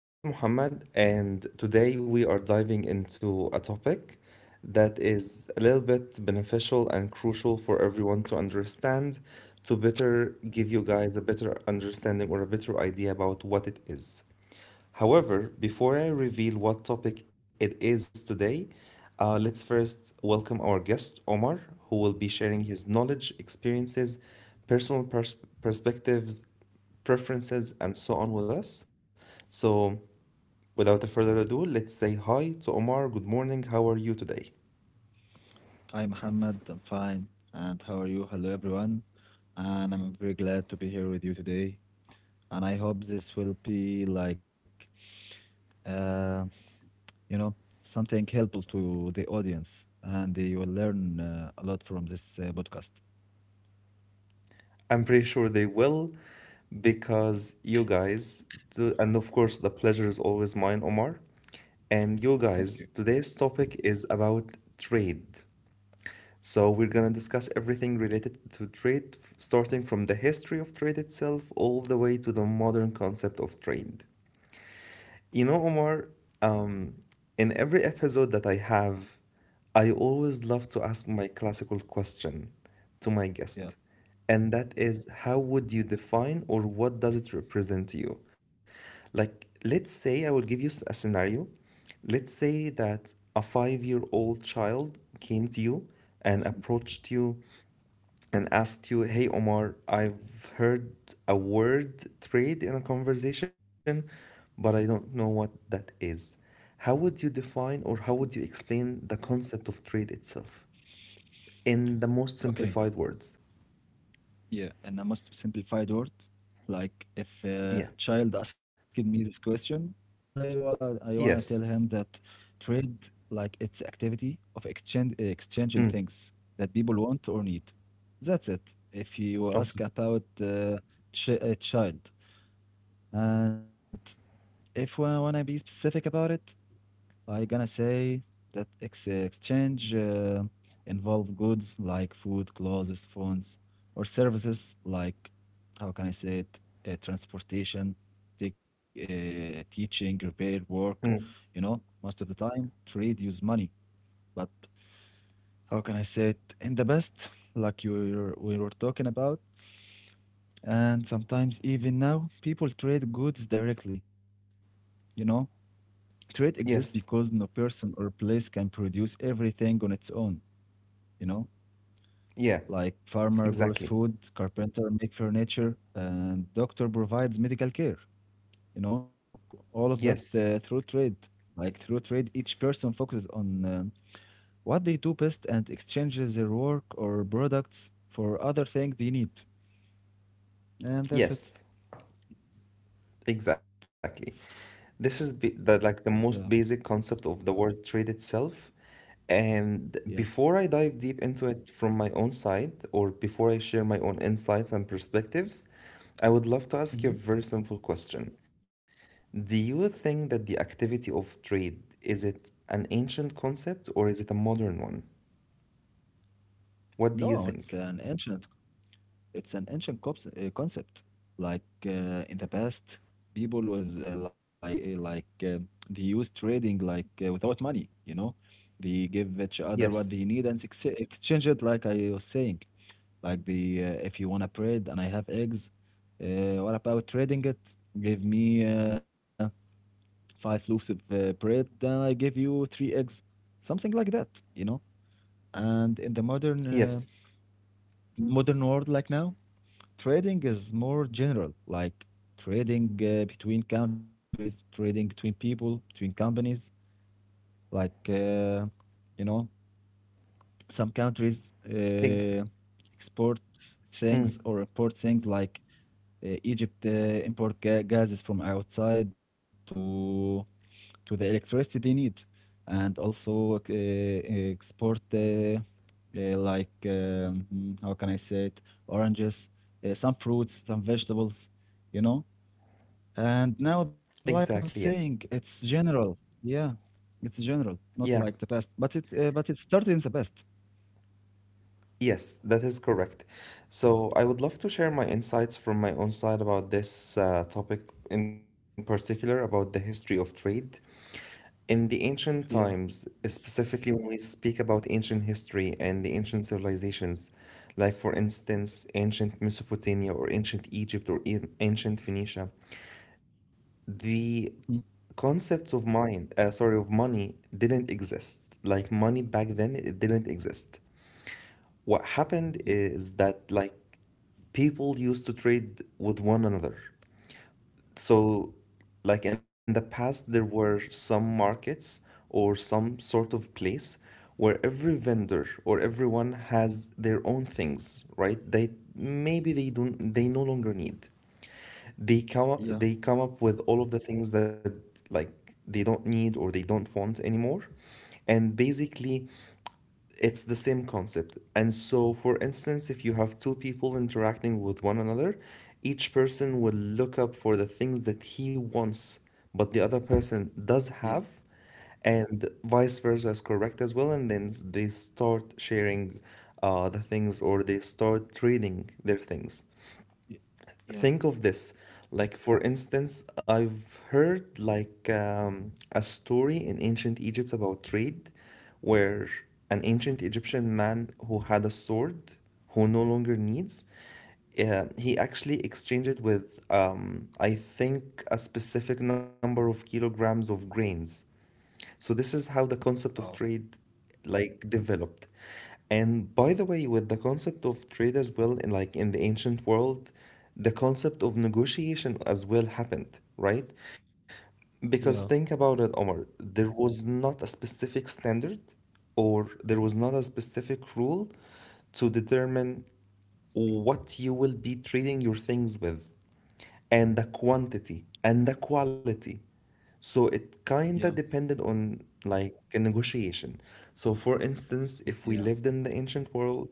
This is Muhammad, and today we are diving into a topic that is a little bit beneficial and crucial for everyone to understand to better give you guys a better understanding or a better idea about what it is. However, before I reveal what topic it is today, let's first welcome our guest, Omar, who will be sharing his knowledge, experiences, personal perspectives, preferences, and so on with us. So, without further ado, let's say hi to Omar. Good morning. How are you today? Hi, Mohammed. I'm fine. And how are you? Hello, everyone. And I'm very glad to be here with you today. And I hope this will be like, uh, you know, something helpful to the audience, and they will learn a lot from this podcast. I'm pretty sure they will because you guys, do, and of course, the pleasure is always mine, Omar. And you Thank guys, you. today's topic is about trade. So, we're gonna discuss everything related to trade, starting from the history of trade itself all the way to the modern concept of trade. You know, Omar, um, in every episode that I have, I always love to ask my classical question to my guest, Yeah. and that is how would you define or what does it represent to you? Like, let's say I will give you a scenario. Let's say that a 5-year old child came to you and approached you and asked you, "Hey Omar, I've heard a word trade in a conversation, but I don't know what that is. How would you define or how would you explain the concept of trade itself in the most Okay. simplified words?" Yeah, and I must simplified word. Like if a Yeah. child asked me this question, I wanna tell him Yes. that trade like it's activity of exchange exchanging Mm. things that people want or need. That's it. If you ask Okay. about ch a child, and if I wanna be specific about it, I gonna say that ex exchange involve goods like food, clothes, phones, or services like how can I say it? Transportation, take, teaching, repair, work. Mm. You know, most of the time trade use money, but how can I say it? In the best, like we were talking about, and sometimes even now people trade goods directly. You know, Yes. Trait exists because no person or place can produce everything on its own, you know? Yeah. Like farmer Exactly. grows food, carpenter make furniture, and doctor provides medical care, you know? All of that Yes. through trade. Like through trade, each person focuses on what they do best and exchanges their work or products for other things they need. And that's it. Yes. Exactly. This is b the like the most Yeah, basic concept of the word trade itself. And yeah. before I dive deep into it from my own side, or before I share my own insights and perspectives, I would love to ask you a Mhm. very simple question. Do you think that the activity of trade is it an ancient concept or is it a modern one? What do you No, it's think? an ancient It's an ancient cops concept. Like in the past, people was like they used trading like without money. You know, they give each Yes. other what they need and ex exchange it. Like I was saying, like the if you wanna bread and I have eggs, what about trading it? Give me five loaves of bread, then I give you three eggs, something like that. You know, and in the modern uh, Yes. modern world like now. Trading is more general, like trading between countries, trading between people, between companies. Like, uh, you know, some countries Exactly. Export Mm, things or import things like Egypt import gases from outside to the electricity need, and also export how can I say it, oranges, some fruits, some vegetables, you know. And now, like I was exactly. Yes. saying, it's general. Yeah, it's general, not like Yeah. the past, but it started in the past. Yes, that is correct. So I would love to share my insights from my own side about this topic in particular about the history of trade. In the ancient Yeah, times, please. specifically when we speak about ancient history and the ancient civilizations, like for instance, ancient Mesopotamia or ancient Egypt or ancient Phoenicia, the Mhm. concept of money didn't exist. Like money back then, it didn't exist. What Mm. happened is that like people used to trade with one another. So like in the past, there were some markets or some sort of place where every vendor or everyone has their own things, right? They maybe they don't they no longer need. They come up, Yeah, they come up with all of the things that like they don't need or they don't want anymore. And basically, it's the same concept. And so, for instance, if you have two people interacting with one another, each person will look up for the things that he wants, but the other person yeah, does have, and vice versa is correct as well. And then they start sharing the things or they start trading their things. yeah, yeah. Think of this, like, for instance, I've heard like a story in ancient Egypt about trade where an ancient Egyptian man who had a sword who no longer needs, he actually exchanged it with I think a specific number of kilograms of grains. So this is how the Wow. concept of trade like developed. And by the way, with the concept of trade as well, in like in the ancient world, the concept of negotiation as well happened, right? Because Yeah, think about it, Omar, there was not a specific standard or there was not a specific rule to determine what you will be trading your things with, and the quantity and the quality. So it yeah, kinda depended on like a negotiation. So for instance, if we yeah, lived in the ancient world,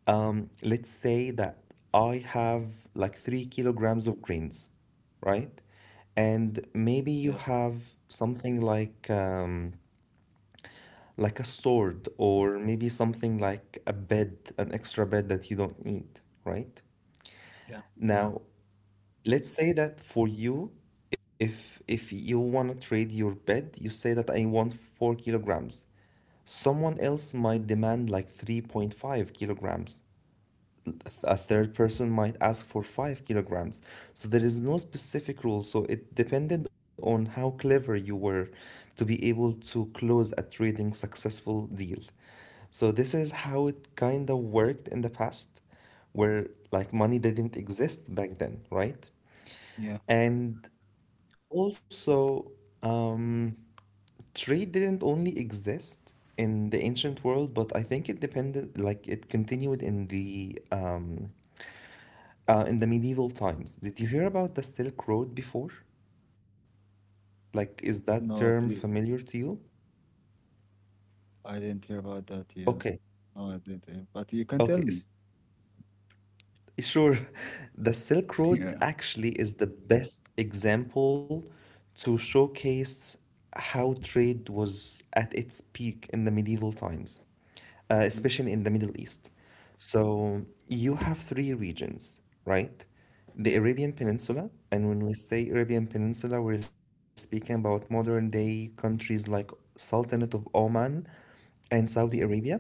let's say that I have like 3 kilograms of grains, right? And yeah, maybe you have something like a sword, or maybe something like a bed, an extra bed that you don't need, right? yeah, yeah, Now, let's say that for you, if you want to trade your bed, you say that I want 4 kilograms. Someone else might demand like 3.5 kilograms, a third person might ask for 5 kilograms. So there is no specific rule. So it depended on how clever you were to be able to close a trading successful deal. So this is how it kind of worked in the past, where like money didn't exist back then, right? yeah. And also, um, trade didn't only exist in the ancient world, but I think it depended, like it continued in the medieval times. Did you hear about the Silk Road before? Like, is No, that please, term familiar to you? I didn't hear about that. Yeah, Okay, no, I didn't hear. But you can tell okay. me. Sure. The Silk Road Yeah, actually is the best example to showcase how trade was at its peak in the medieval times, mm, especially in the Middle East. So you have three regions, right? The yeah, Arabian Peninsula, and when we say Arabian Peninsula, we're speaking about modern day countries like Sultanate of Oman and Saudi mhm, Arabia.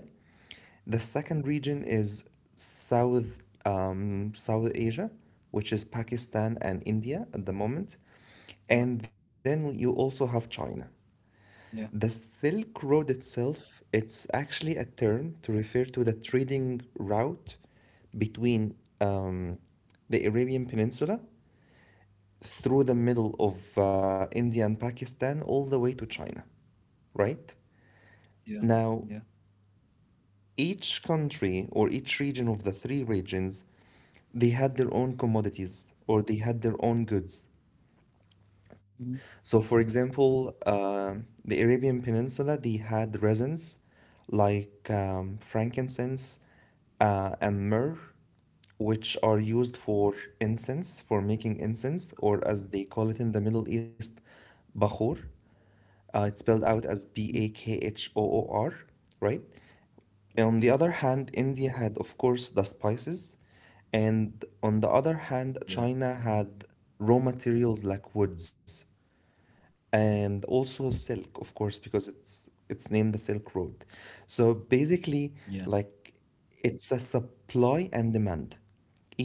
The second region is South South Asia, which is Pakistan and India at the moment. yeah, And then you also have China. The yeah, Silk Road itself, it's actually a term to refer to the trading route between um, the Arabian Peninsula through the middle of India and Pakistan all the way to China, right? yeah, yeah, Now, each country or each region of the three regions, they had their own commodities or they had their own goods. mhm, So for example, the Arabian Peninsula, they had resins like frankincense and myrrh, which are used for incense, for making incense, or as they call it in the Middle East, bakhor. It's spelled out mhm, as bakhoor, right? yeah, On the other hand, India had, of course, the spices, and on the other hand, yeah, China had mm, raw materials like woods and also silk, of course, because it's named the Silk Road. So yeah, basically, like it's a supply and demand.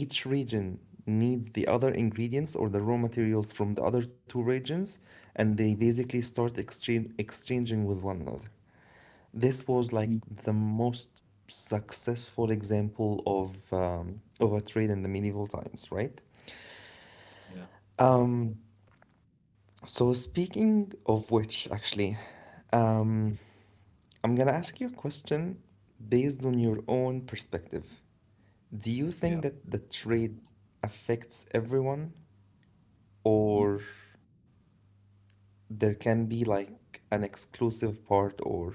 Each region needs the other ingredients or the raw materials from the other two regions, and they basically start exchanging with one another. This mhm, was like the most successful example of a trade in the medieval times, right? yeah, Um, so speaking of which, actually, um, I'm gonna ask you a question based on your own perspective. Do yeah. you think that the trade affects everyone, Mm. or there can be like an exclusive part,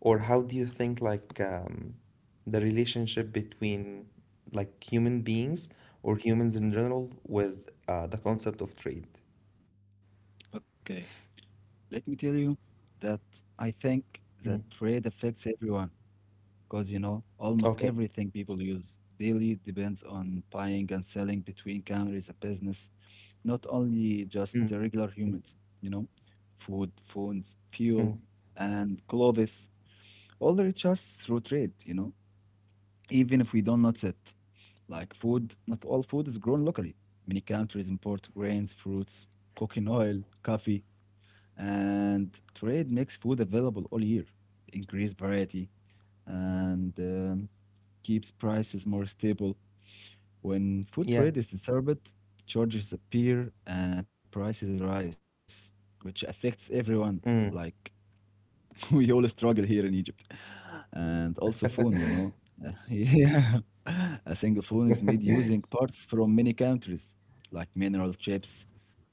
or how do you think like the relationship between like human beings or humans in general with the concept of trade? Okay. Let me tell you that I think that Mm. trade affects everyone because, you know, almost Okay. everything people use daily depends on buying and selling between countries and business, not only just the Mm. regular humans, you know, food, phones, Mm. fuel, and clothes. All reach us through trade, you know, even if we don't notice it. Like food, not all food is grown locally. Many countries import grains, fruits, cooking oil, coffee, and trade makes food available all year, increase variety, and keeps prices more stable. When food Yeah. trade is disturbed, charges appear and prices rise, which affects everyone. Mm. Like we all struggle here in Egypt, and also phone, you know. Yeah, a single phone is made using parts from many countries, like mineral chips,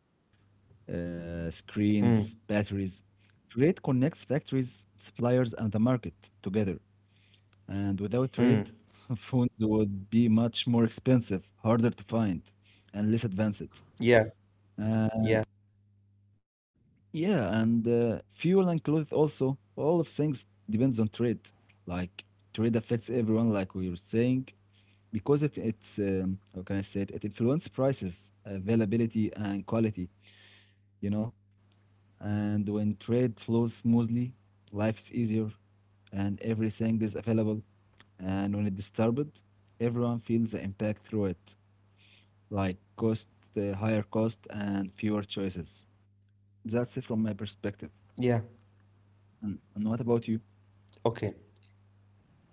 screens, Mm. batteries. Trade connects factories, suppliers, and the market together. And without trade, Mm. phones would be much more expensive, harder to find, and less advanced. Yeah. Uh, Yeah. yeah, and fuel and clothes also. All of things depends on trade. Like trade affects everyone, like we were saying, because it's how can I say it? It influences prices, availability, and quality. You know. And when trade flows smoothly, life is easier and everything is available. And when it's disturbed, everyone feels the impact through it, like cost, higher cost, and fewer choices. That's it from my Yeah. perspective. And what about you? Okay.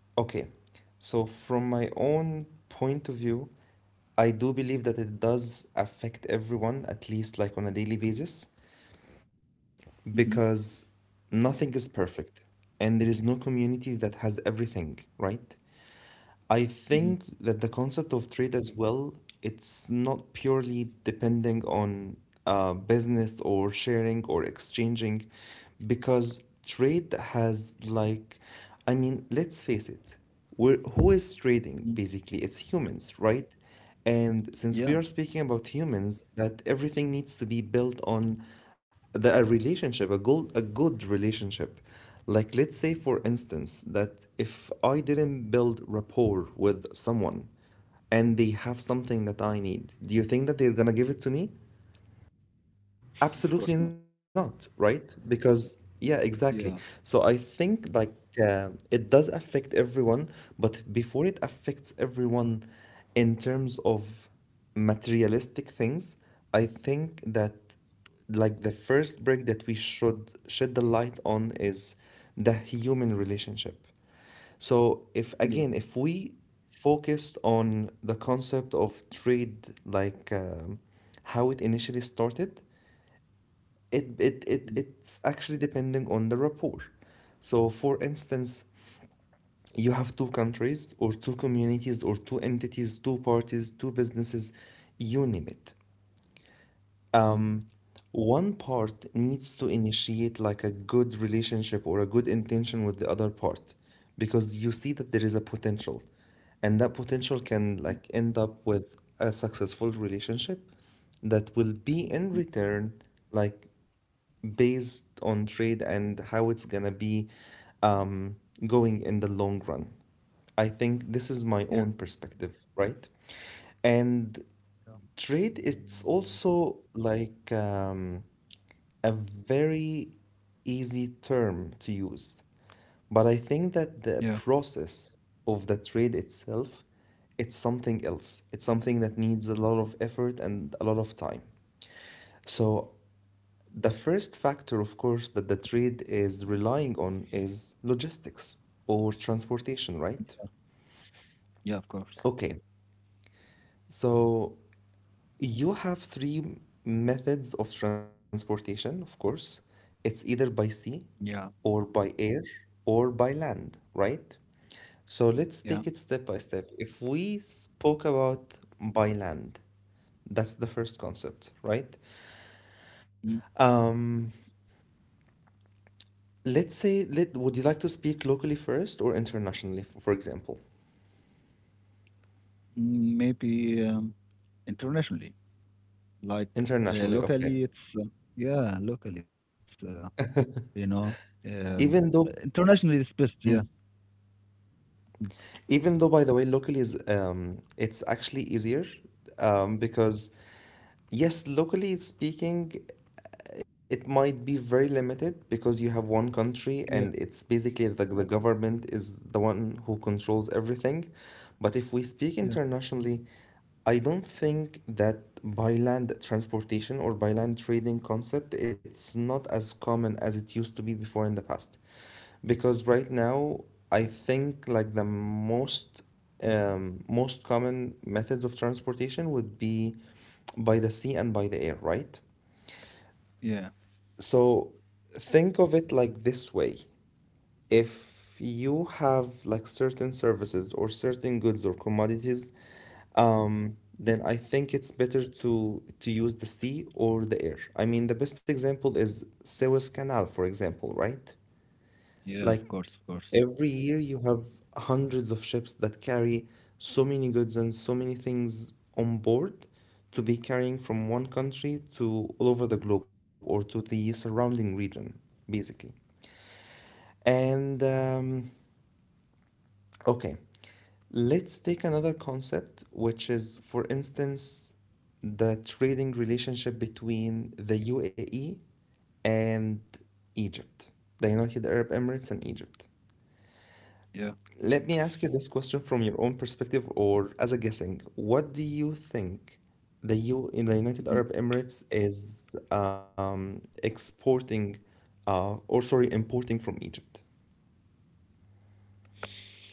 Okay. So from my own point of view, I do believe that it does affect everyone, at least like on a daily basis. Hmm. Because nothing is perfect and there is no community that has everything, right? I Hmm. think that the concept of trade as well, it's not purely depending on business or sharing or exchanging, because trade has like, I mean, let's face it, we're, who is trading Hmm. basically? It's humans, right? And Yeah, since we are speaking about humans, that everything needs to be built on a relationship, a good relationship. Like, let's say, for instance, that if I didn't build rapport with someone and they have something that I need, do you think that they're gonna give it to me? of course not. Absolutely not, right? Because, yeah, Yeah, exactly. So I think like it does affect everyone, but before it affects everyone in terms of materialistic things, I think that like the first break that we should shed the light on is the human relationship. So if yeah. again, if we focused on the concept of trade, like how it initially started, Mhm, it's actually depending on the rapport. So, for instance, you have two countries or two communities or two entities, two parties, two businesses, you name it. mhm, Um, One part needs to initiate like a good relationship or a good intention with the other part because you see that there is a potential and that potential can mhm, like end up with a successful relationship that will be in mhm. return like based on trade and how it's gonna be um, going in the long run. I think this is my Yeah, own perspective, right? And yeah, trade is also like a very easy term to use, but I think that the yeah, process of the trade itself, it's something else. It's something that needs a lot of effort and a lot of time. So the first factor, of course, that the trade is relying on is logistics or transportation, right? yeah, of course. Okay, so you have three methods of transportation, of course. It's either by sea Yeah, or by air or by land, right? So let's yeah. take it step by step. If we spoke about by land, that's the first concept, right? Mm, Um, Let's say, let would you like to speak locally first or internationally, for example? mm, maybe internationally. Like Internationally, okay. locally, it's yeah, locally, it's you know, um, Even though, internationally, it's best. Yeah, Mm. Even though, by the way, locally is it's actually easier because. Yes, locally speaking, it might be very limited because you have one country yeah, and it's basically the government is the one who controls everything. But if we speak yeah, internationally, I don't think that by land transportation or by land trading concept, it's not as common as it used to be before in the past. Because right now, I think like the most most common methods of transportation would be by the sea and by the air, right? yeah, So think of it like this way. If you have like certain services or certain goods or commodities, then I think it's better to use the sea or the air. I mean, the best example is Suez Canal, for example, right? yeah. Of Like course, of course. every year, you have hundreds of ships that carry so many goods and so many things on board to be carrying from one country to all over the globe or to the surrounding region, basically. And um, okay, let's take another concept, which is, for instance, the trading relationship between the UAE and Egypt, the United Arab Emirates and Egypt. Yeah. Let me ask you this question from your own perspective or as a guessing. What do you think the U in the United Mhm. Arab Emirates is exporting or sorry, importing from Egypt?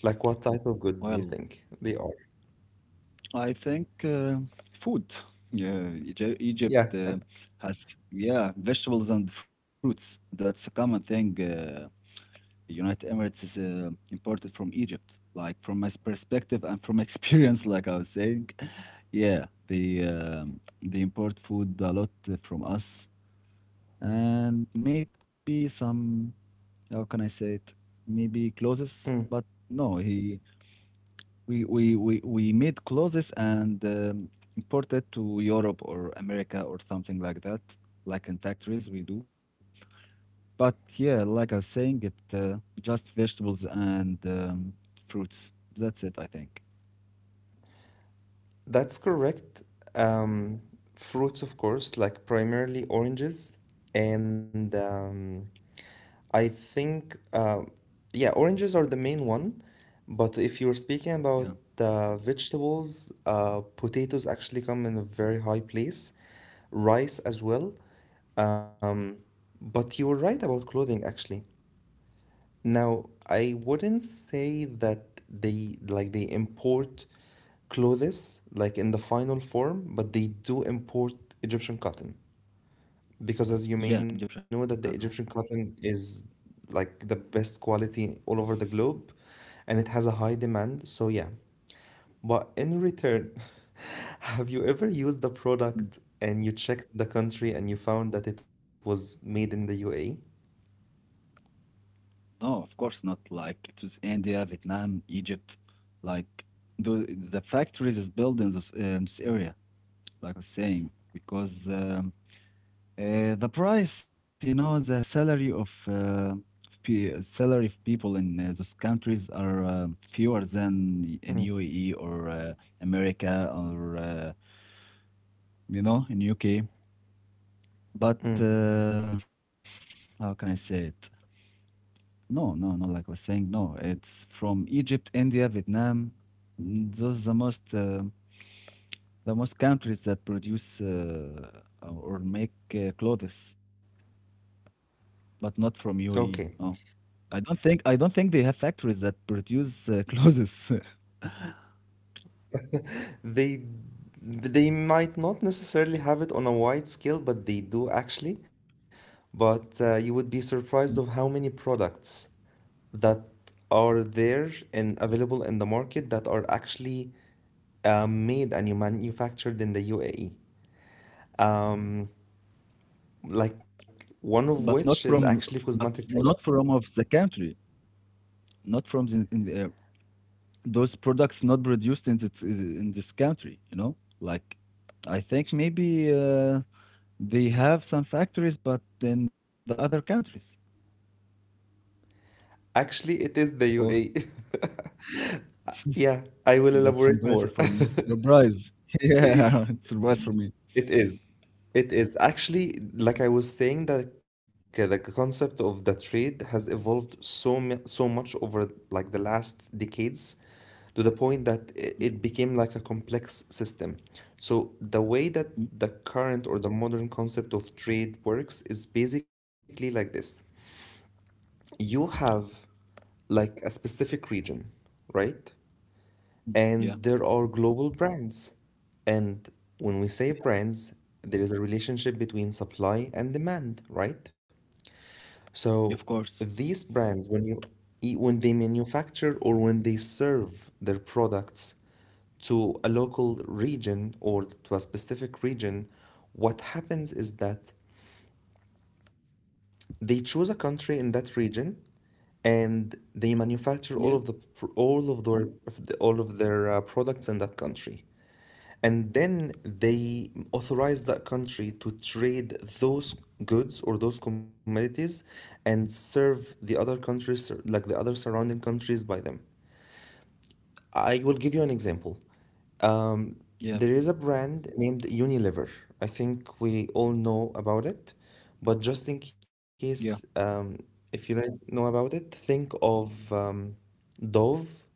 Like what type of goods do you Well, think they are? I think food. Yeah, Egypt Yeah. Has yeah vegetables and fruits. That's a common thing. The United Emirates is imported from Egypt. Like from my perspective and from experience, like I was saying, yeah, they import food a lot from us, and maybe some how can I say it? Maybe clothes, but no, he we made clothes and imported to Europe or America or something like that, like in factories we do but yeah, like I was saying, it just vegetables and fruits. That's it, I think. That's correct. Um, Fruits, of course, like primarily oranges. And I think, uh, yeah, oranges are the main one. But if you're speaking about Yeah, vegetables, potatoes actually come in a very high place, rice as well. Um, but you were right about clothing, actually. Now, I wouldn't say that they import clothes like in the final form, but they do import Egyptian cotton because as you yeah, may know Egyptian that the cuisine. Egyptian cotton is like the best quality all over the globe and it has a high demand. So yeah. But in return, have you ever used the product and you checked the country and you found that it was made in the UAE? No, of course not. Like it was India, Vietnam, Egypt. Like the the factories is built in this area. Like I was saying, because the price, you know, the salary of salary of people in those countries are fewer than in Mm. UAE or. America or you know, in UK. But Mm. uh, how can I say it? No, no, no. Like I was saying, no. It's from Egypt, India, Vietnam. Mm, those are the most countries that produce or make clothes, but not from UAE. Okay. No, I don't think they have factories that produce clothes, They they might not necessarily have it on a wide scale, but they do actually. But you would be surprised of how many products that are there and available in the market that are actually made and you manufactured in the UAE. Mm, like one of but not which is from actually but cosmetic not from products. of the country, not from the, in the those products not produced in this country you know like I think maybe they have some factories but in the other countries Actually, it is the or UAE. Yeah, I will that's elaborate impressive more. for me, surprise. Yeah. Surprise for me. It is. It is actually like I was saying that the concept of the trade has evolved so much over like the last decades to the point that Mm, it became like a complex system. So the way that mm, the current or the modern concept of trade works is basically like this. You have like a specific region, right? mm. Yeah, And there are global brands. And when we say brands, there is a relationship between supply and demand, right? yeah, of So course, these brands, when when they manufacture or when they serve their products to a local region or to a specific region, what happens is that they choose a country in that region and they yeah, manufacture all of the pr- all of their products in that country. And then they authorize that country to trade those goods or those commodities and serve the other countries, like the other surrounding countries, by them. I will give you an example. Um, yeah, there is please. a brand named Unilever. I think we all know about it, but just in Yeah. case, if you don't know about it, think of Dove,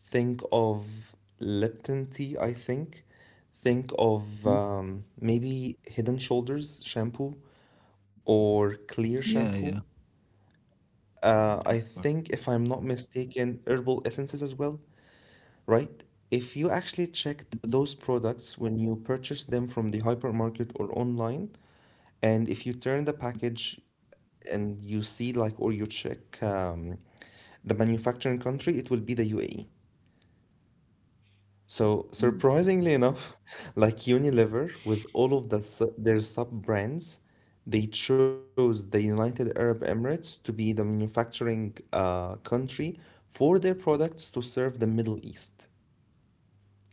think of Lipton tea, I think of Mhm. Maybe Head and Shoulders shampoo or clear Yeah, yeah, shampoo. yeah, of I course. think, if I'm not mistaken, herbal essences as well, right? If you actually checked Mhm. those products when you purchased them from the hypermarket or online, and if you turn the package and or you check the manufacturing country, it will be the UAE. So Mm. surprisingly enough, like Unilever with all of their sub-brands, they chose the United Arab Emirates to be the manufacturing country for their products to serve the Middle East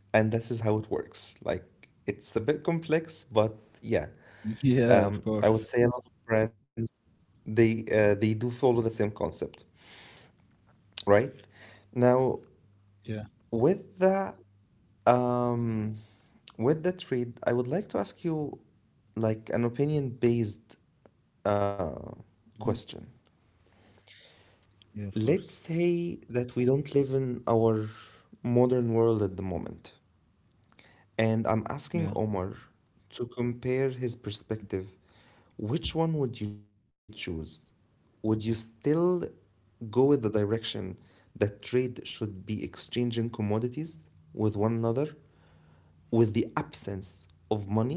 and this is how it works. Like it's a bit complex, but yeah, Yeah, of I would course, say a lot of brands they do follow the same concept, right? Now yeah. with the um, with the trade, I would like to ask you like an opinion based uh, Mhm. question. Yeah, of course, Let's say that we don't live in our modern world at the moment. And I'm asking yeah. Omar to compare his perspective. Which one would you choose? Would you still go with the direction that trade should be exchanging commodities with one another with the absence of money?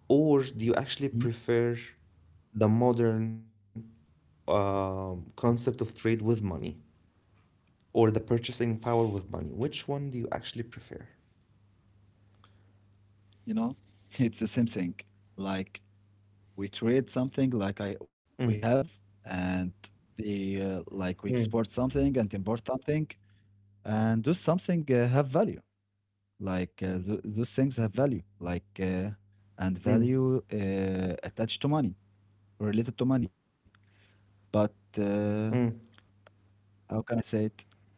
Or do you actually Mhm. prefer the modern concept of trade with money or the purchasing power with money? Which one do you actually prefer? You know, it's the same thing. Like we trade something Mm, like I we have, and the mm, like we export something and import something, and do something have value. Like th those things have value, like and mm, value attached to money, related to money. But mm, how can I say it?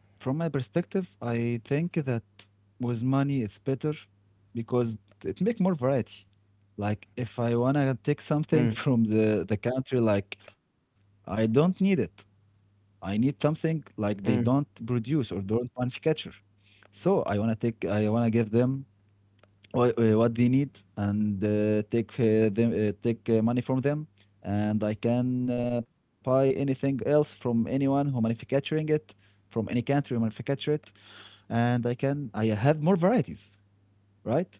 From my perspective, I think that with money it's better because it make more variety. Like if I wanna take mm. something from the country, like I don't need it. I need something like they Mm, don't produce or don't manufacture. So I wanna give them what they need and take money from them, and I can buy anything else from anyone who manufacturing it from any country who manufacture it, and I have more varieties, right?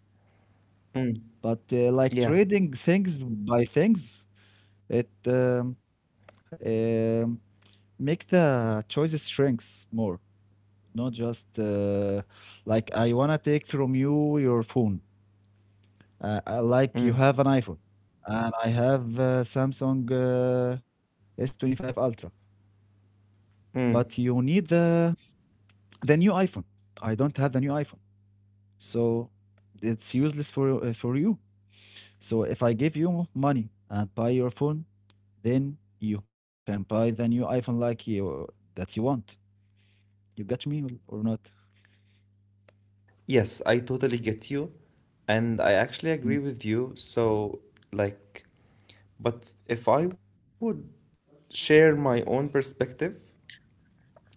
mm, But like yeah, trading things by things, it um, make the choices shrinks more, not just like I wanna take from you your phone. Like you mm, have an iPhone, and I have Samsung S25 Ultra, but mm. you need the new iPhone. I don't have the new iPhone, so it's useless for you. So if I give you money and buy your phone, then you can buy the new iPhone like you that you want. You get me or not? Yes, I totally get you. And I actually Mm. agree with you. So, like, but if I would share my own perspective,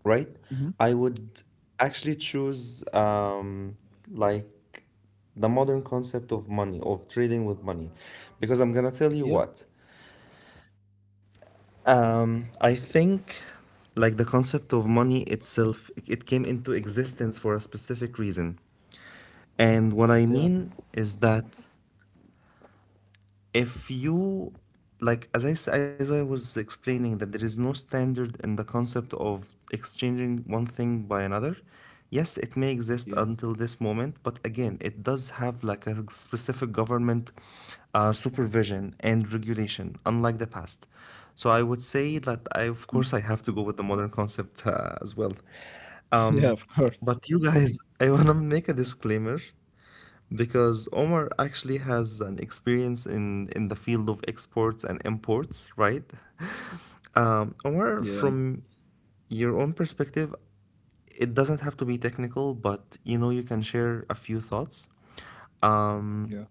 right, Mm-hmm. I would actually choose, like, the modern concept of money, of trading with money. Because I'm gonna tell you Yeah, what. I think like the concept of money itself, it came into existence for a specific reason. And what I yeah, mean is that if you, like, as I, s- as I was explaining, that there is no standard in the concept of exchanging one thing by another, yes, it may exist yeah, until this moment, but again, it does have like a specific government supervision and regulation, unlike the past. So I would say that mm, of course, I have to go with the modern concept as well. yeah. Of Um, course. but you guys, I want to make a disclaimer because Omar actually has an experience in the field of exports and imports, right? Yeah, Omar, from your own perspective, it doesn't have to be technical, but you know, you can share a few thoughts. Um, yeah.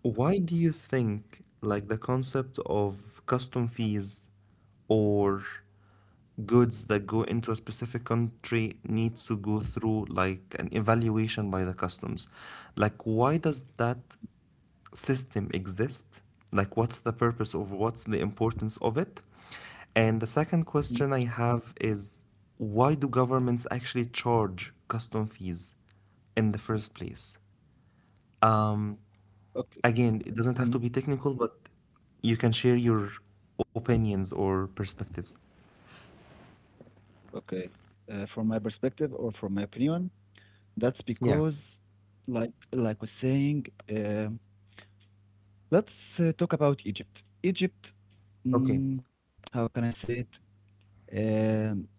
why do you think like the concept of custom fees or goods that go into a specific country need to go through like an evaluation by the customs? Like why does that system exist? Like what's the importance of it? And the second Mm, question I have is why do governments actually charge custom fees in the first place? Um. okay, Again, it doesn't have mm, to be technical, but you can share your opinions or perspectives. okay. From my perspective or from my opinion, that's Yeah. because, like was saying, let's talk about Egypt. Egypt, Okay. mm, how can I say it? Um,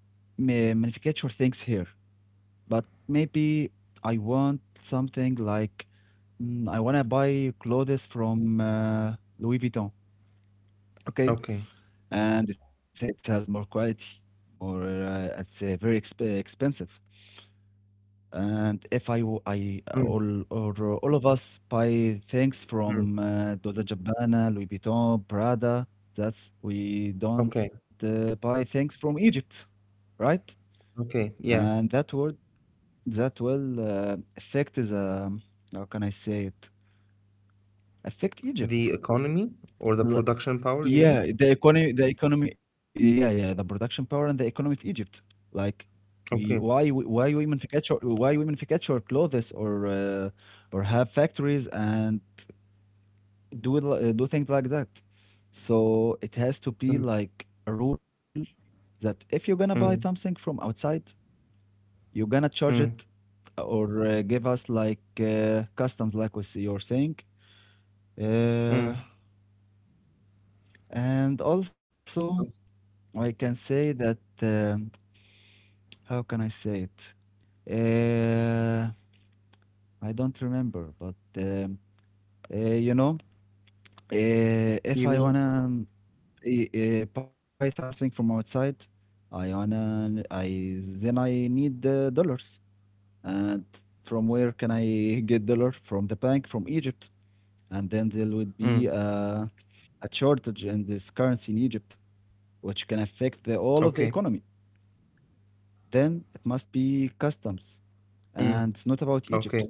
Manufacture things here. But maybe I want something like mm, I want to buy clothes from Louis Vuitton, okay? Okay. And it has more quality, or it's very exp expensive. And if I w- I Mm, all or all of us buy things mm. from Dolce and Gabbana, Louis Vuitton, Prada, that's we don't Okay. Buy things from Egypt, right? Okay. Yeah. And that word, that will affect the how can I say it? Affect The Egypt. economy or the L- production power, you mean? Yeah, the economy, the economy. Yeah, yeah, the production power and the economy of Egypt. Like, Okay. Why we manufacture, why we manufacture clothes uh, or have factories and do things like that. So it has to Mm, be like a rule that if you're gonna buy mm, something from outside, you're gonna charge mm, it or give us like customs, like we see you're saying. mm. Uh, and also, I can say that how can I say it? Uh, I don't remember, but uh, you know, You if I mean? wanna buy something from outside, I wanna I then I need the dollars. And from where can I get dollar? From the bank, from Egypt, and then there would Mm. be a shortage in this currency in Egypt, which can affect all Okay. of the economy. Then it must be customs. And Mm. it's not about Okay. Egypt.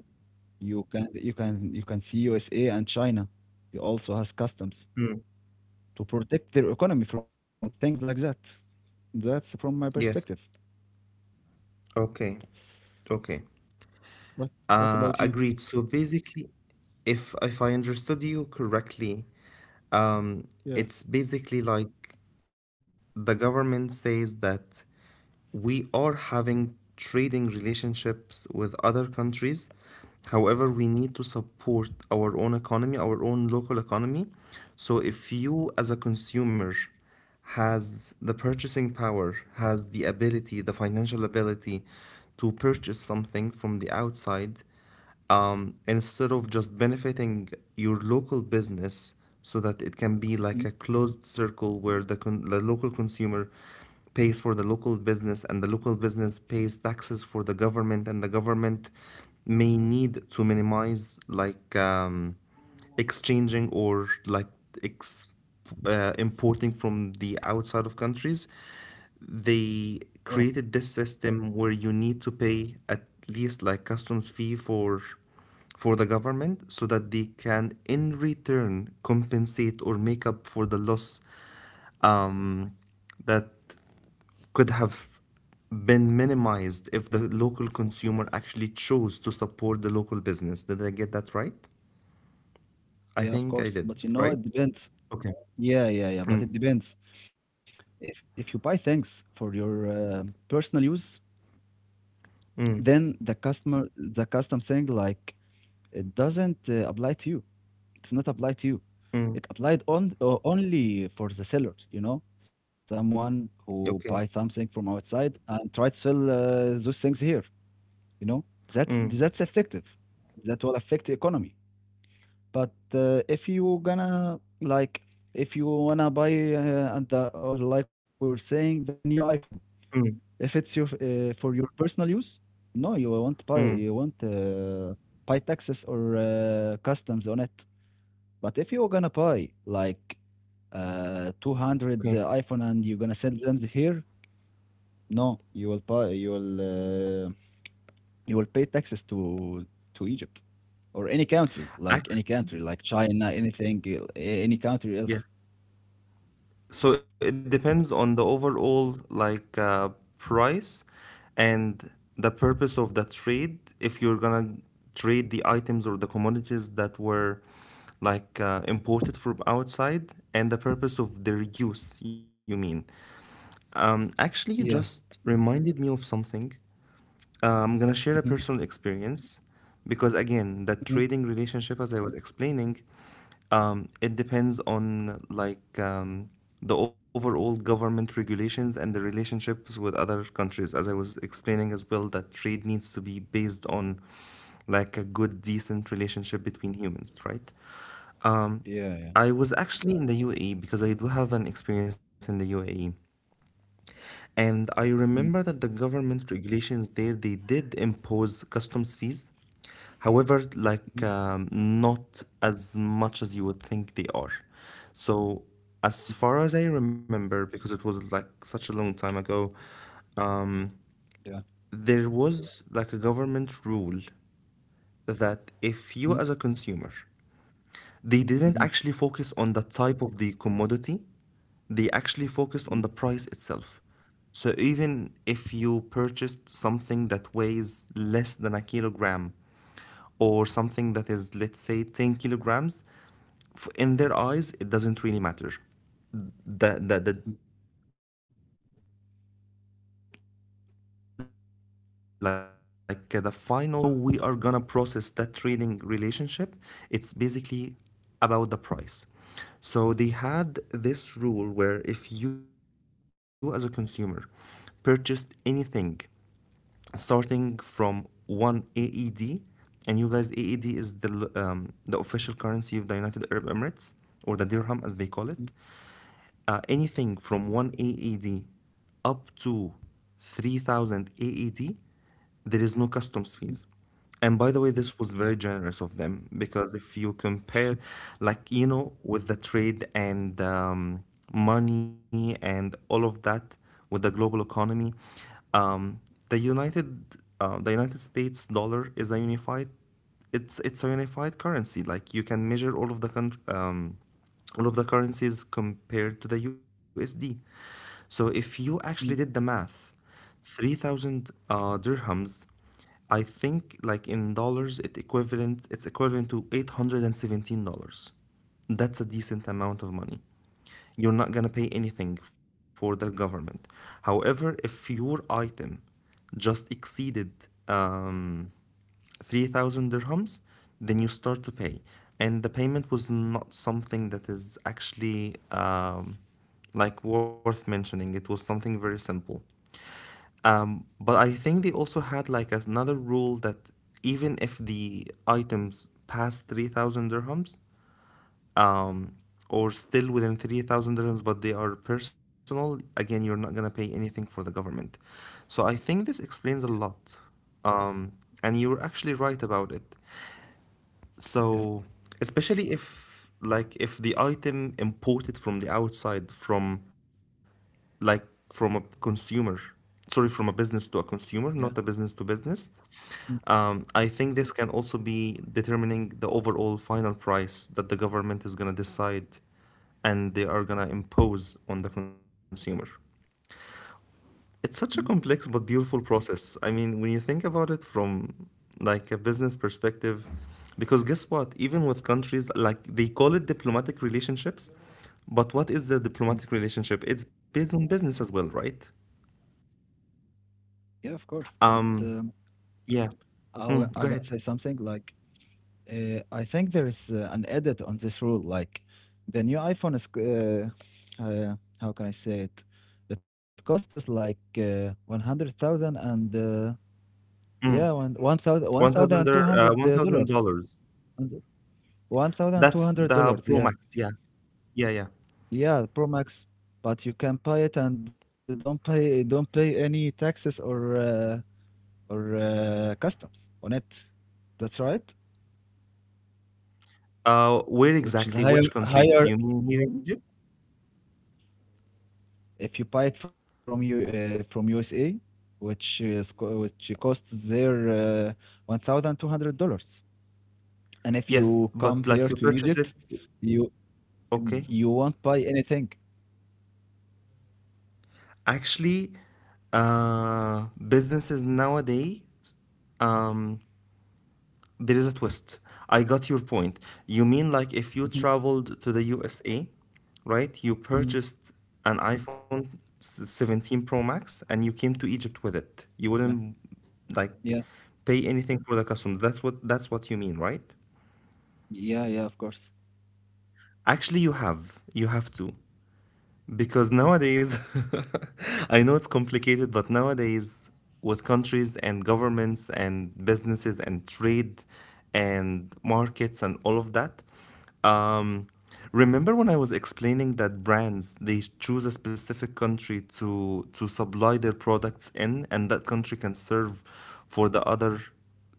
You can see USA and China. They also has customs Mm. to protect their economy from things like that. That's from my perspective. Yes. Okay. Okay. What what about you? Agreed. So basically, if I understood you correctly, Um, Yeah. it's basically like the government says that we are having trading relationships with other countries. However, we need to support our own economy, our own local economy. So if you as a consumer has the purchasing power, has the ability, the financial ability to purchase something from the outside, instead of just benefiting your local business so that it can be like Mm, a closed circle where the local consumer pays for the local business and the local business pays taxes for the government and the government may need to minimize like exchanging or ex- importing from the outside of countries, they yeah. created this system where you need to pay at least like customs fee for the government so that they can in return compensate or make up for the loss um, that could have been minimized if the local consumer actually chose to support the local business. Did I get that right? I Yeah, of think I course. did, But you know, it right? depends. Okay. Yeah, yeah, yeah. But it Mm, depends. If you buy things for your personal use, mm, then the custom thing, like, it doesn't apply to you. It's not applied to you. mm. It applied on only for the seller, you know, someone who buy Okay. something from outside and try to sell those things here, you know. That's Mm, that's effective. That will affect the economy. But if you gonna, like, if you wanna buy and the, or like we were saying, the new iPhone, if mm, it's your for your personal use, no, you won't buy. You mm. won't buy taxes or customs on it. But if you're gonna buy like 200 Okay. iPhone and you're gonna send them here, no, you will buy uh, you will pay taxes to Egypt or any country, like Actually, China, anything, any country else. yes. So it depends on the overall like price and the purpose of the trade. If you're gonna trade the items or the commodities that were like imported from outside and the purpose of their use, you mean? Actually, you Yeah. just reminded me of something. I'm gonna Hmm. share a personal experience because again, that Hmm. trading relationship, as I was explaining, it depends on like the overall government regulations and the relationships with other countries. As I was explaining as well, that trade needs to be based on like a good, decent relationship between humans, right? Um, Yeah, yeah. I was actually in the UAE because I do have an experience in the UAE. And I Hmm. remember that the government regulations there, they did impose customs fees. However, Hmm. like not as much as you would think they are. So, as far as I remember, because it was like such a long time ago, Yeah. there was like a government rule that if you Hmm. as a consumer… They didn't Hmm. actually focus on the type of the commodity, they actually focused on Hmm. the price itself. So even if you purchased something that weighs less than a kilogram, or something that is, let's say, 10 kilograms, in their eyes, it doesn't really matter the the, the Hmm. like uh, the final factors that will like that will determine how we are gonna process that trading relationship. It's basically about the price. So they had this rule where if you as a consumer purchased anything starting from 1 AED, and you guys, AED is the official currency of the United Arab Emirates, or the dirham as they call it. Hmm. Anything from 1 AED up to 3,000 AED, there is no customs fees. And by the way, this was Yeah. very generous of them because if you compare, like, you know, with the trade and money and all of that with the global economy, um, the United the United States dollar is a unified, it's a unified currency. Like you can measure all of the country, all of the currencies compared to the USD. So if you actually did the Hmm. math, 3,000 dirhams, I think like in dollars it equivalent it's equivalent to $817. That's a decent amount of money. You're not going to pay anything for the government. However, if your item just exceeded um, 3,000 dirhams, then you start to pay. And the payment was not something that is actually like worth mentioning. It was something very simple. But I think they also had like another rule that even if the items pass 3,000 dirhams, um, or still within 3,000 dirhams, but they are personal, again, you're not gonna pay anything for the government. So I think this explains a lot. Um, and you were actually right about it. Yeah. So, especially if like if the item imported from the outside from like from a consumer, sorry, from a business to a consumer, Yeah. not a business to business, Hmm. I think this can also be determining the overall final price that the government is gonna decide and they are gonna impose on the consumer. It's Hmm. such a complex but beautiful process. I mean, when you think about it from like a business perspective, because guess what? Even with countries like they call it diplomatic relationships, but what is the diplomatic relationship? It's based on business as well, right? Yeah, of course. But Um, yeah. I Mm, I'm go gonna ahead. say something like. I think there is an edit on this rule. Like, the new iPhone is, how can I say it? It costs like 100,000 and yeah, Mm, one 1,000 thousand two hundred one thousand dollars. dollars. And That's the $1,200, Pro yeah. Max. Yeah, yeah, yeah. Yeah, Pro Max. But you can buy it and don't pay any taxes or customs on it. That's right. Where Which is exactly? higher Which country? higher Do you mean here in Egypt? If you buy it from you from USA, which is which costs there $1,200, and if Yes, you come but here like you to purchase it. Egypt, you Okay. you won't buy anything. Actually, businesses nowadays, um, there is a twist. I got your point. You mean like if you Mhm. traveled to the USA, right? You Mm. purchased an iPhone 17 Pro Max and you came to Egypt with it. Yeah, You wouldn't yeah, like pay anything for the customs. That's what you mean, right? yeah, yeah. Of course. Actually, you have. You have to. Because nowadays, I know it's complicated, but nowadays, with countries and governments and businesses and trade and markets and all of that, um, remember when I was explaining that brands they choose a specific country to supply their products in, and that country can serve for the other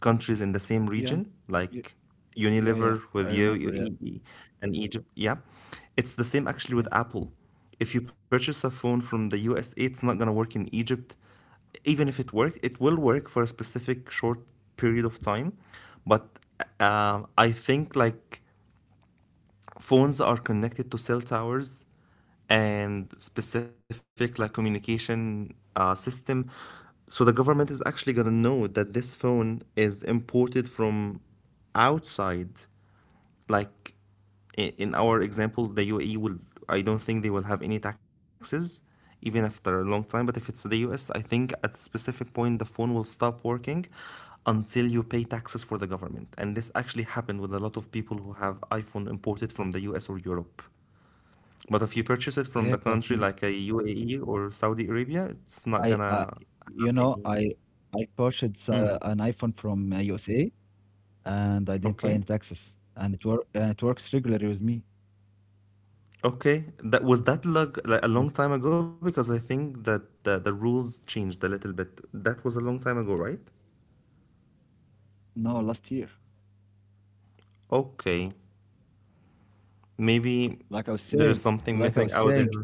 countries in the same Yeah, region, yeah, like yeah, yeah. Unilever I with remember. Yeah, UAE and Egypt. Yeah, it's the same yeah, actually with Apple. If you purchase a phone from the USA, it's not going to work in Egypt. Even if it worked, it will work for a specific short period of time. But I think like phones are connected to cell towers and specific like communication system. So the government is actually going to know that this phone is imported from outside, like in our example, the UAE will, I don't think they will have any taxes even after a long time. But if it's the US, I think at a specific point, the phone will stop working until you pay taxes for the government. And this actually happened with a lot of people who have iPhone imported from the US or Europe. But if you purchase it from yeah. the But country like a UAE or Saudi Arabia, I, it's not I, gonna you know, have I, any. I purchased an Mm, iPhone from USA, and I didn't pay okay. any taxes, and and it works regularly with me. Okay, that was that lug like a long time ago because I think that the rules changed a little bit. That was a long time ago, right? No, last year. Okay, maybe Like I was there is saying, something like I missing was out saying, there.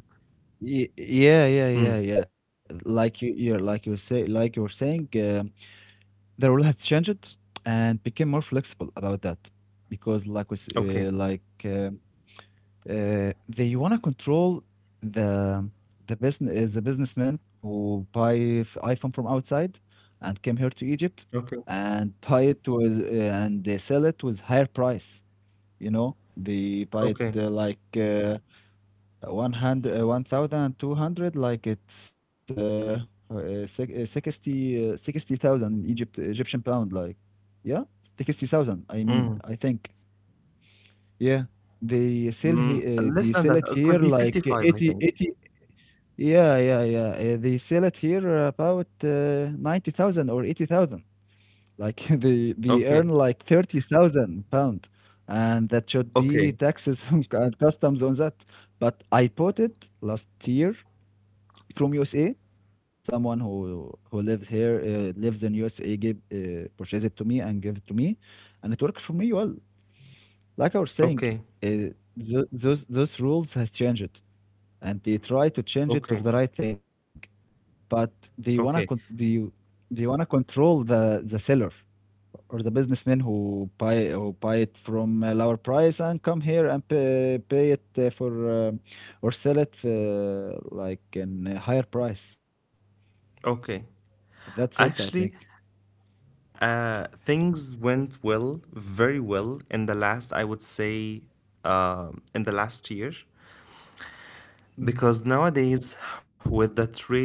yeah, yeah, yeah, Hmm. yeah. Like you were saying, the rule has changed and became more flexible about that because, like we, s- Okay, like they wanna control the the businessman who iPhone from outside and came here to Egypt okay, and buy it with and they sell it with higher price. You know, they buy it okay. Like. 100, 1,200, like it's 60, 60,000 in Egypt, Egyptian pound, like, yeah, 60,000. I mean, Mm. I think yeah, Mm. Less they than sell that, it it here could be like 55, I think. 80. Yeah, yeah, yeah. They sell it here about 90,000 or 80,000. Like, they earn Okay, like 30,000 pound, and that should be okay, taxes and customs on that. But I bought it last year from USA. Someone lives in USA, gave purchased it to me and gave it to me, and it worked for me well. Like I was saying, okay, uh, th those rules has changed, and they try to change it to okay, the right thing, but they wanna con okay, they they wanna control the seller or the businessman who buy it from a lower price and come here and pay it for. um or sell it like in a higher price. okay. That's it, I think. Actually, things went well, very well in the last, I would say, in the last year. Mhm. Because nowadays, with the trade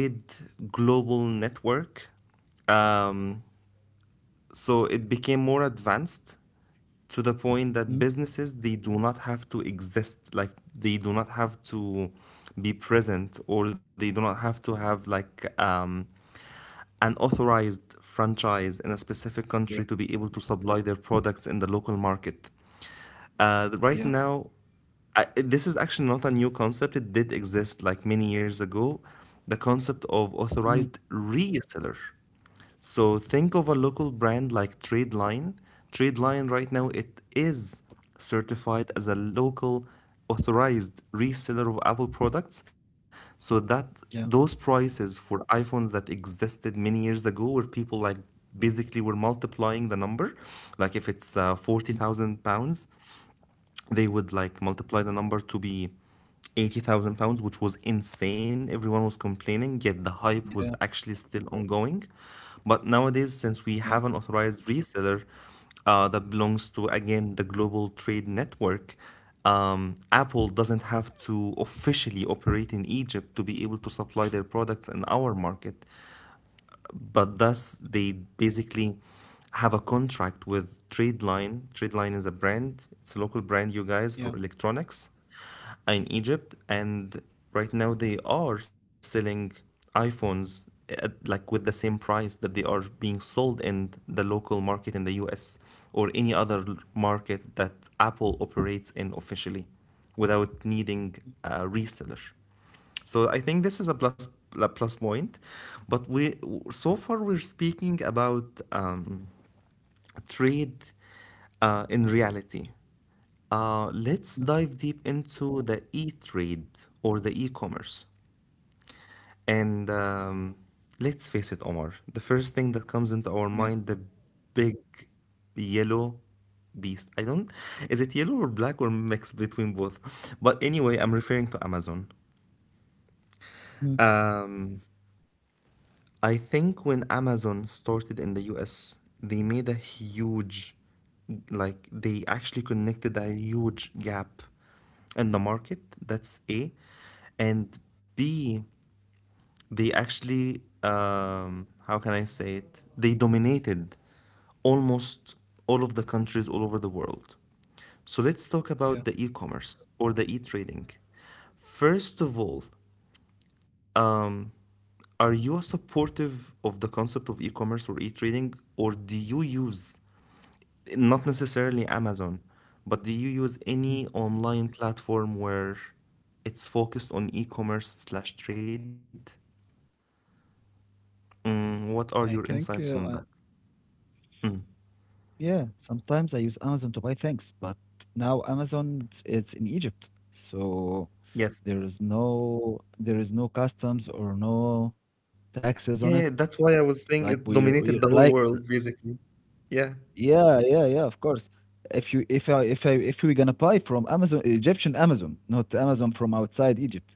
global network, um, so it became more advanced to the point that Mhm. businesses they do not have to exist, like they do not have to be present, or they do not have to have like an authorized franchise in a specific Yeah, country to be able to supply their products in the local market. Right yeah. now, this is actually not a new concept. It did exist like many years ago. The concept of Mhm. authorized reseller. So think of a local brand like Tradeline. Tradeline right now it is certified as a local authorized reseller of Apple products, so that Yeah. those prices for iPhones that existed many years ago where people like basically were multiplying the number, like if it's Mm. 40,000 pounds, they would like multiply the number to be 80,000 pounds, which was insane. Everyone was complaining, yet the Yeah, hype was actually still ongoing. But nowadays, since yeah, we have an authorized reseller that belongs to, again, the Global Trade Network, Apple doesn't have to officially operate in Egypt to be able to supply their products in our market, but thus they basically have a contract with Tradeline. Tradeline is a brand, it's a local brand, you guys, yeah. for electronics in Egypt. And right now they are selling iPhones at, like, with the same price that they are being sold in the local market in the US or any other market that Apple operates in officially without needing a reseller. So I think this is a plus, a plus point, but we so far we're speaking about trade in reality. Let's Mhm. dive deep into the e-trade or the e-commerce. And let's face it, Omar, the first thing that comes into our Mhm. Yeah. mind, the big yellow beast. I don't, is it yellow or black or mixed between both? But anyway, I'm referring to Amazon. Mhm. Um, I think when Amazon started in the US, they made a huge, like, they actually connected a huge gap in the market. That's A. And B, they actually, how can I say it? They dominated almost all of the countries all over the world. So let's talk Yeah. about the e commerce or the e trading. First of all, um. Are you supportive of the concept of e-commerce or e-trading, or do you use, not necessarily Amazon, but do you use Mhm. any online platform where it's focused on e-commerce slash trade? Mm, what I are your think, insights I on that? yeah, sometimes I use Amazon to buy things, but now Amazon, it's in Egypt, so Yes. There is no customs or no taxes on it. Yeah, yeah, that's why I was Like, saying it we're, dominated like, the whole world, basically. Yeah. yeah, yeah, yeah, of course. If you if I if I if we're gonna buy from Amazon, Egyptian Amazon, not Amazon from outside Egypt.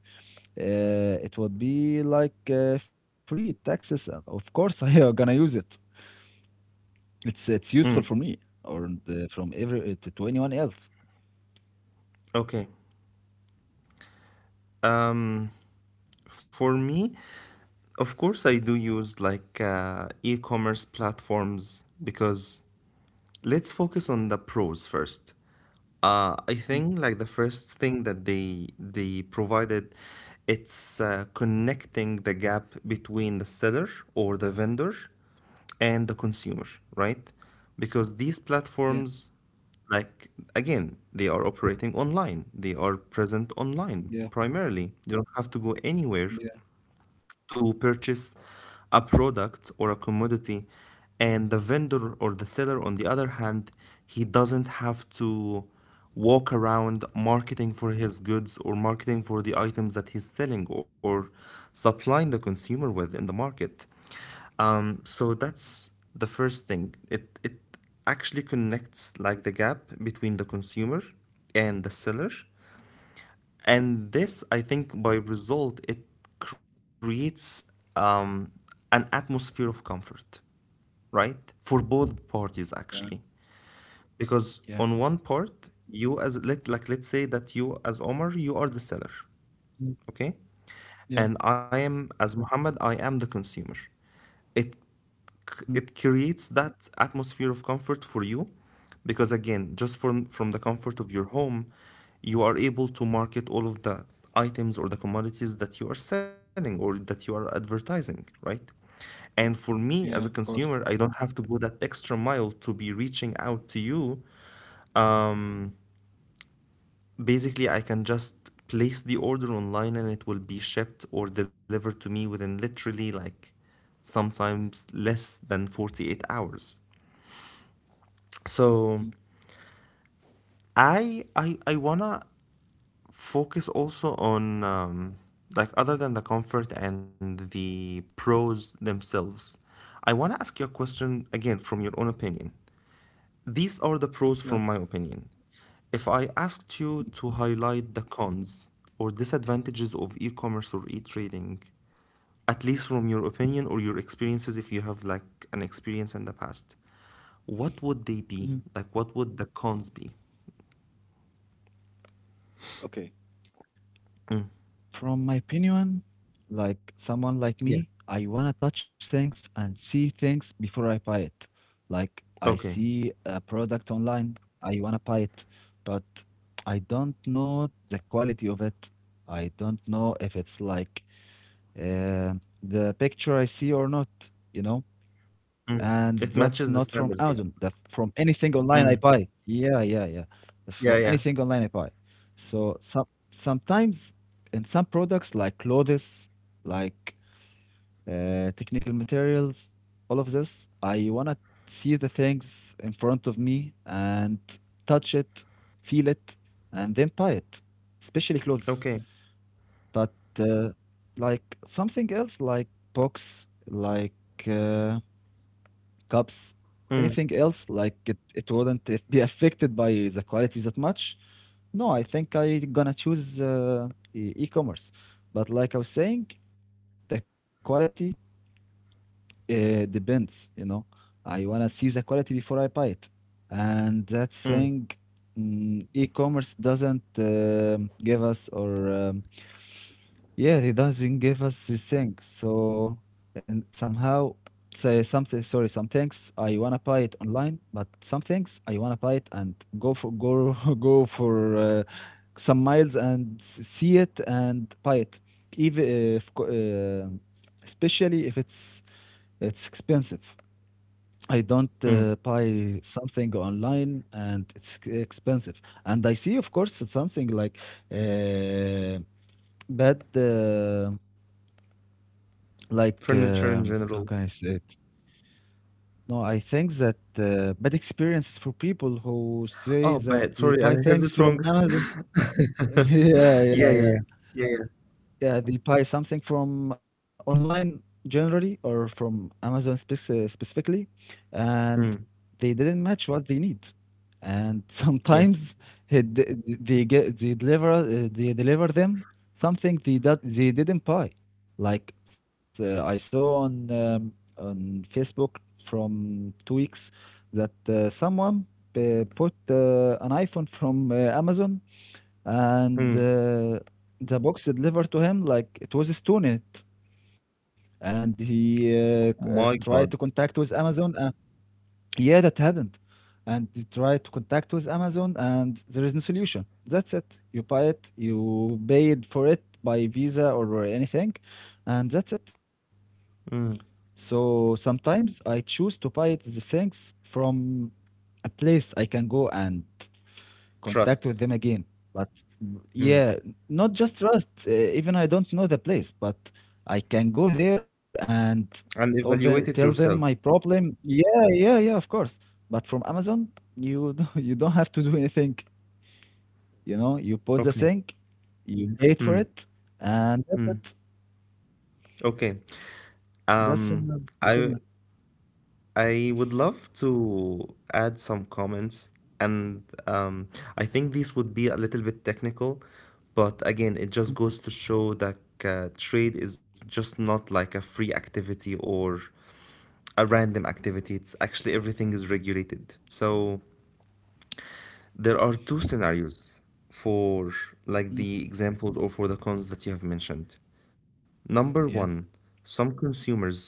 It would be like free taxes. Of course, I am gonna use it. It's useful for me or from every to anyone else. Okay. Um, for me, of course, I do use like e-commerce platforms because let's focus on the pros first. I think like the Mhm. first thing that they provided, it's connecting the gap between the seller or the vendor and the consumer, right? Because these platforms, Yeah, like again, they are operating online. They are present online primarily. yeah, You don't have to go anywhere yeah, to purchase a product or a commodity, and the vendor or the seller on the other hand, he doesn't have to walk around marketing for his goods or marketing for the items that he's selling or supplying the consumer with in the market. So that's the first thing, it actually connects like the gap between the consumer and the seller, and this, I think, by result, it creates um, an atmosphere of comfort, right? For both parties, actually. uh, Because on one yeah. part, you as let's say that you as Omar, you are the seller, okay. Mhm. And I Yeah. am as Muhammad, I am the consumer. It it Mhm. creates that atmosphere of comfort for you because again, just from the comfort of your home, you are able to market all of the items or the commodities that you are selling or that you are advertising, right? And for me as a Yeah. consumer, Of I don't course. have to go that extra mile to be reaching out to you. um, Basically, I can just place the order online and it will be shipped or delivered to me within literally like sometimes less than 48 hours. So Mm. I wanna focus also on like other than the comfort and the pros themselves. I wanna ask you a question again from your own opinion. These are the pros from my Yeah. opinion. If I asked you to highlight the cons or disadvantages of e-commerce or e-trading, at least from your opinion or your experiences, if you have like an experience in the past, what would they be? Like, Mhm. what would the cons be? Okay. From my opinion, like someone Yeah. like me, I wanna touch things and see things before I buy it. Like, I Okay. see a product online, I wanna buy it, but I don't know the quality of it. I don't know if it's like uh, the picture I see or not, you know? And that's It not matches from the Amazon, standards, that yeah. from anything online I buy. Mm. Yeah, yeah, yeah. From Yeah, yeah. anything online I buy. So sometimes in some products like clothes, like technical materials, all of this, I wanna see the things in front of me and touch it, feel it, and then buy it, especially clothes. Okay. But uh, like something else, like books, like uh, cups, Mm. anything else, like it wouldn't be affected by the quality that much. No, I think I gonna choose e-commerce. But like I was saying, the quality depends. I wanna see the quality before I buy it. And that Mm. saying, e-commerce doesn't give us or yeah, he doesn't give us the thing. So, and somehow say something. Sorry, some things I wanna buy it online, but some things I wanna buy it and go go for some miles and see it and buy it. Even if, co- Especially if it's expensive. I don't Mm. Buy something online and it's expensive. And I see, of course, something like uh, bad, like, Furniture in how general. can I say it? No, I think that bad experiences for people who say Oh, that but they sorry, I buy heard things it from wrong. Amazon. Yeah, yeah, Yeah, yeah, yeah. yeah. Yeah, yeah. Yeah, they buy something from online generally or from Amazon specifically, and Mm. they didn't match what they need. And Yes. sometimes it, th- th- they get they deliver them something they that they didn't buy. Like, I saw on Facebook from 2 weeks that someone put an iPhone from Amazon, and Mm. The box delivered to him like it was a stone in it. And he tried My to God. contact with Amazon, yeah, that happened. And they try to contact with Amazon, and there is no solution. That's it. You buy it, you paid for it by Visa or anything, and that's it. Mm. So sometimes I choose to buy it the things from a place I can go and contact Trust. with them again. But Mm. yeah, not just trust. Even I don't know the place, but I can go there and tell And them tell evaluate it them my yourself. problem. Yeah, yeah, yeah, of course. But from Amazon, you don't- you don't have to do anything. You know, you put the Okay. thing, you paid for it, and that's it. Okay. That's in my Um, opinion. I I would love to add some comments, and I think this would be a little bit technical, but again, it Mhm. just goes to show that trade is just not like a free activity or a random activity. It's actually everything is regulated. So there are two scenarios for like Mhm. the examples or for the cons that you have mentioned. Number one, Yeah. some consumers,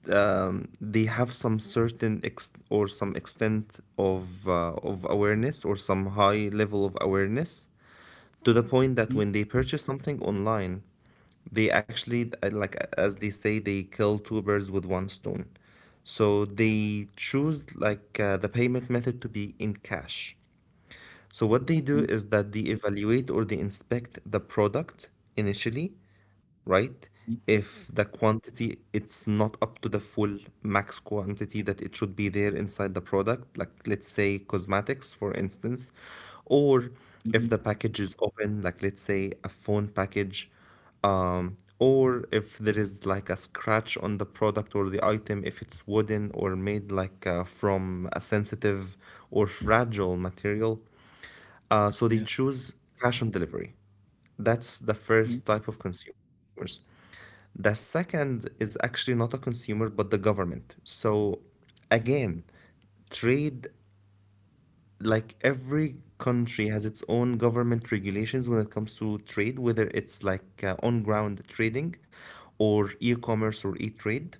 they have some certain ex- or some extent of awareness or some high level of awareness to the point Mhm. that when they purchase something online, they actually like as they say, they kill two birds with one stone. So they choose like the payment method to be in cash. So what they do Mhm. is that they evaluate or they inspect the product initially, right? If the quantity, it's not up to the full max quantity that it should be there inside the product, like let's say cosmetics, for instance, or Mhm. if Mhm. the package is open, like let's say a phone package, or if there is like a scratch on the product or the item, if it's wooden or made like from a sensitive or fragile material, so they Yeah. choose cash on delivery. That's the Mhm. first type of consumers. The second is actually not a consumer but the government. So again, trade, like every country has its own government regulations when it comes to trade, whether it's like on ground trading or e commerce or e trade.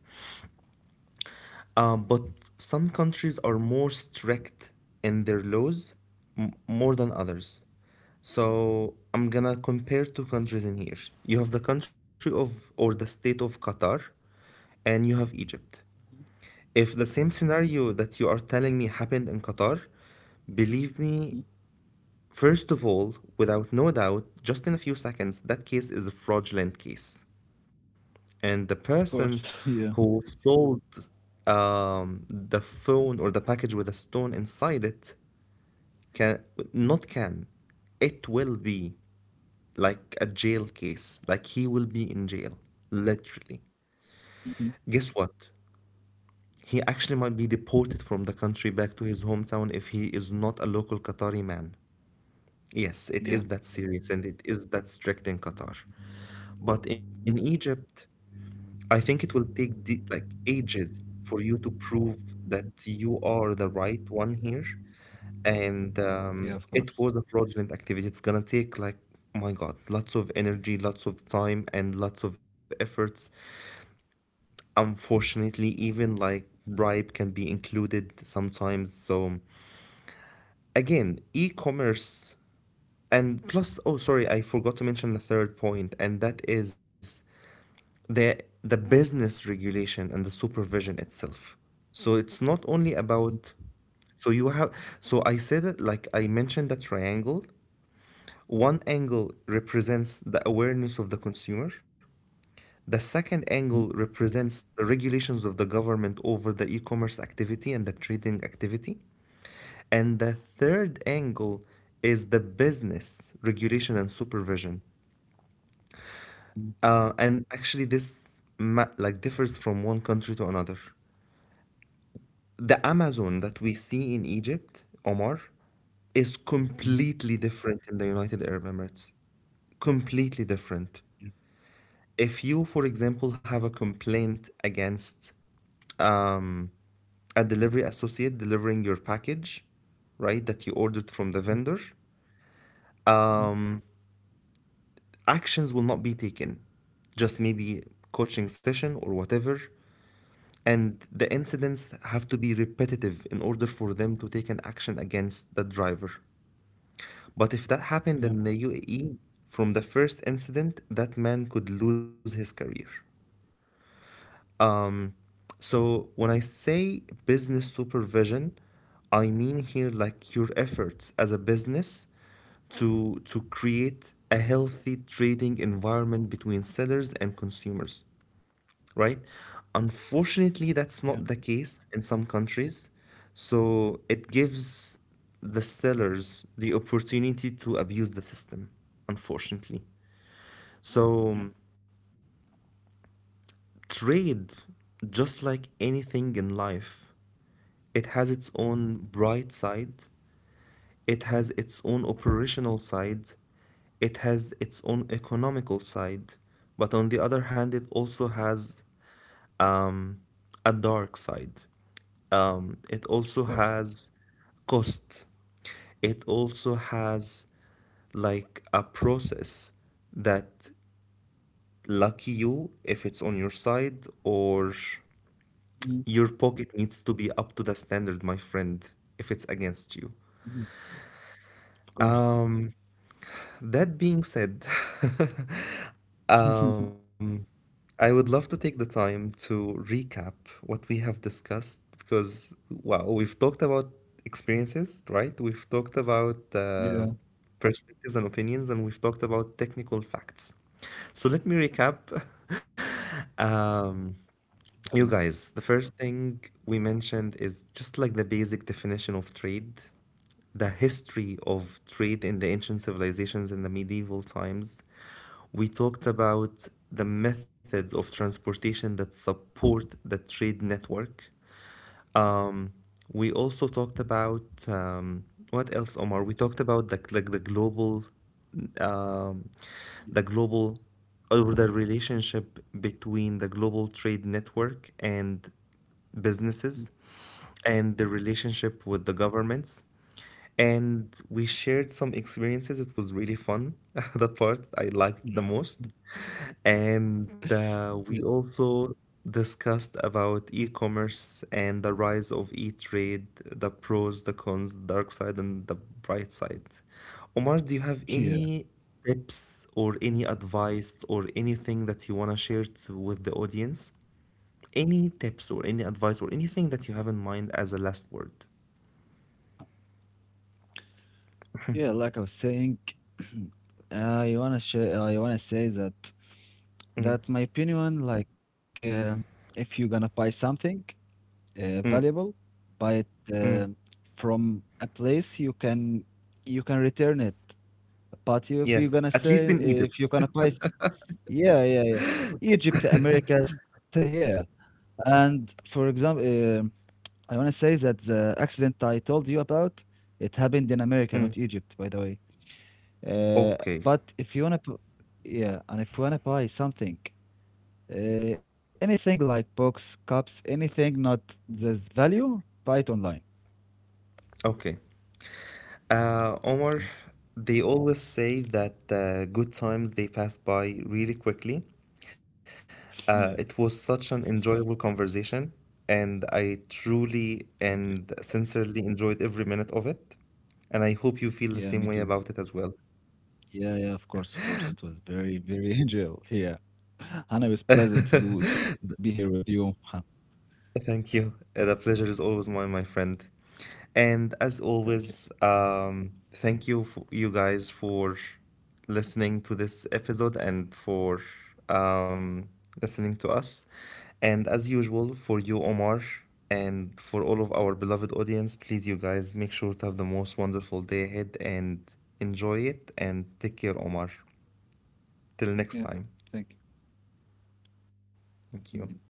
But some countries are more strict in their laws, more than others. So I'm gonna compare two countries in here. You have the country of or the state of Qatar, and you have Egypt. If the same scenario that you are telling me happened in Qatar, believe Mhm. me, first of all, without no doubt, just in a few seconds, that case is a fraudulent case. And the Of course. person Yeah. who sold the phone or the package with a stone inside it can, not can, it will be like a jail case, like he will be in jail, literally. Mhm. Guess what? He actually might be deported from the country back to his hometown if he is not a local Qatari man. Yes, it Yeah. is that serious and it is that strict in Qatar. But in Mhm. Egypt, I think it will take the, like, ages for you to prove that you are the right one here. And Yeah, of it course. was a fraudulent activity. It's gonna take like, my God, lots of energy, lots of time, and lots of efforts. Unfortunately, even like bribe can be included sometimes. So again, e-commerce. And plus, oh, sorry, I forgot to mention the third point, and that is the the business regulation and the supervision itself. So it's not only about, so you have, so I said it like I mentioned the triangle. One angle represents the awareness of the consumer. The second angle Mhm. represents the regulations of the government over the e-commerce activity and the trading activity. And the third angle is the business regulation and supervision. Mhm. And actually, this like differs from one country to another. The Amazon that we see in Egypt, Omar, is Hmm. completely different in the United Arab Emirates. Completely different. If you, for example, have a complaint against, um, a delivery associate delivering your package, right, that you ordered from the vendor, um, actions will not be taken. Just maybe coaching session or whatever, and the incidents have to be repetitive in order for them to take an action against the driver. But if that happened Yeah, in the UAE, from the first incident, that man could lose his career. Um, so when I say business supervision, I mean here like your efforts as a business to create a healthy trading environment between sellers and consumers, right? Unfortunately, yeah, that's not the case in some countries. So it gives the sellers the opportunity to abuse the system, unfortunately. yeah. So trade, just like anything in life, it has its own bright side, it has its own operational side, it has its own economical side, but on the other hand, it also has, um, a dark side. It Of also course. has cost. It also has like a process that, lucky you if it's on your side, or Mm-hmm. your pocket needs to be up to the standard, my friend, if it's against you. Of course. Um, that being said, um, I would love to take the time to recap what we have discussed because, wow, we've talked about experiences, right? We've talked about Yeah. perspectives and opinions, and we've talked about technical facts. So let me recap. Um, Okay. you guys, the first thing we mentioned is just like the basic definition of trade, the history of trade in the ancient civilizations in the medieval times. We talked about the methods of transportation that support the trade network. Um, we also talked about, um, what else, Omar? We talked about the like um, the global, or the relationship between the global trade network and businesses and the relationship with the governments. And we shared some experiences. It was really fun. The part I liked Yeah. the most. And we Yeah. also discussed about e-commerce and the rise of e-trade, the pros, the cons, the dark side, and the bright side. Omar, do you have Yeah. any tips or any advice or anything that you want to share to, with the audience? Any tips or any advice or anything that you have in mind as a last word. Yeah. Like I was saying, I wanna share. I wanna say that Mm. My opinion, like, if you're gonna buy something Mm. valuable, buy it uh, Mm. from a place you can return it. But Yes, at least in Egypt. if you're gonna buy. Yeah, yeah, yeah. Egypt, America, say yeah. And for example, I want to say that the accident I told you about, it happened in America, Mm. not Egypt, by the way. Uh, Okay, but if you wanna, p- yeah, and if you wanna buy something, anything like books, cups, anything not this value, buy it online. okay. Omar, they always say that good times they pass by really quickly. Yeah, It was such an enjoyable conversation, and I thank truly you. and sincerely enjoyed every minute of it. And I hope you Yeah, feel me the too. same way about it as well. Yeah, yeah, of course, of course. It was very, very enjoyable. Yeah, and it was pleasant to be here with you. Thank you. The pleasure is always mine, my friend. And as Thank you. always, thank you, you guys, for listening to this episode and for, um, listening to us. And as usual, for you, Omar, and for all of our beloved audience, please, you guys, make sure to have the most wonderful day ahead and enjoy it. And take care, Omar. Till next Yeah, time. thank Thank you. you.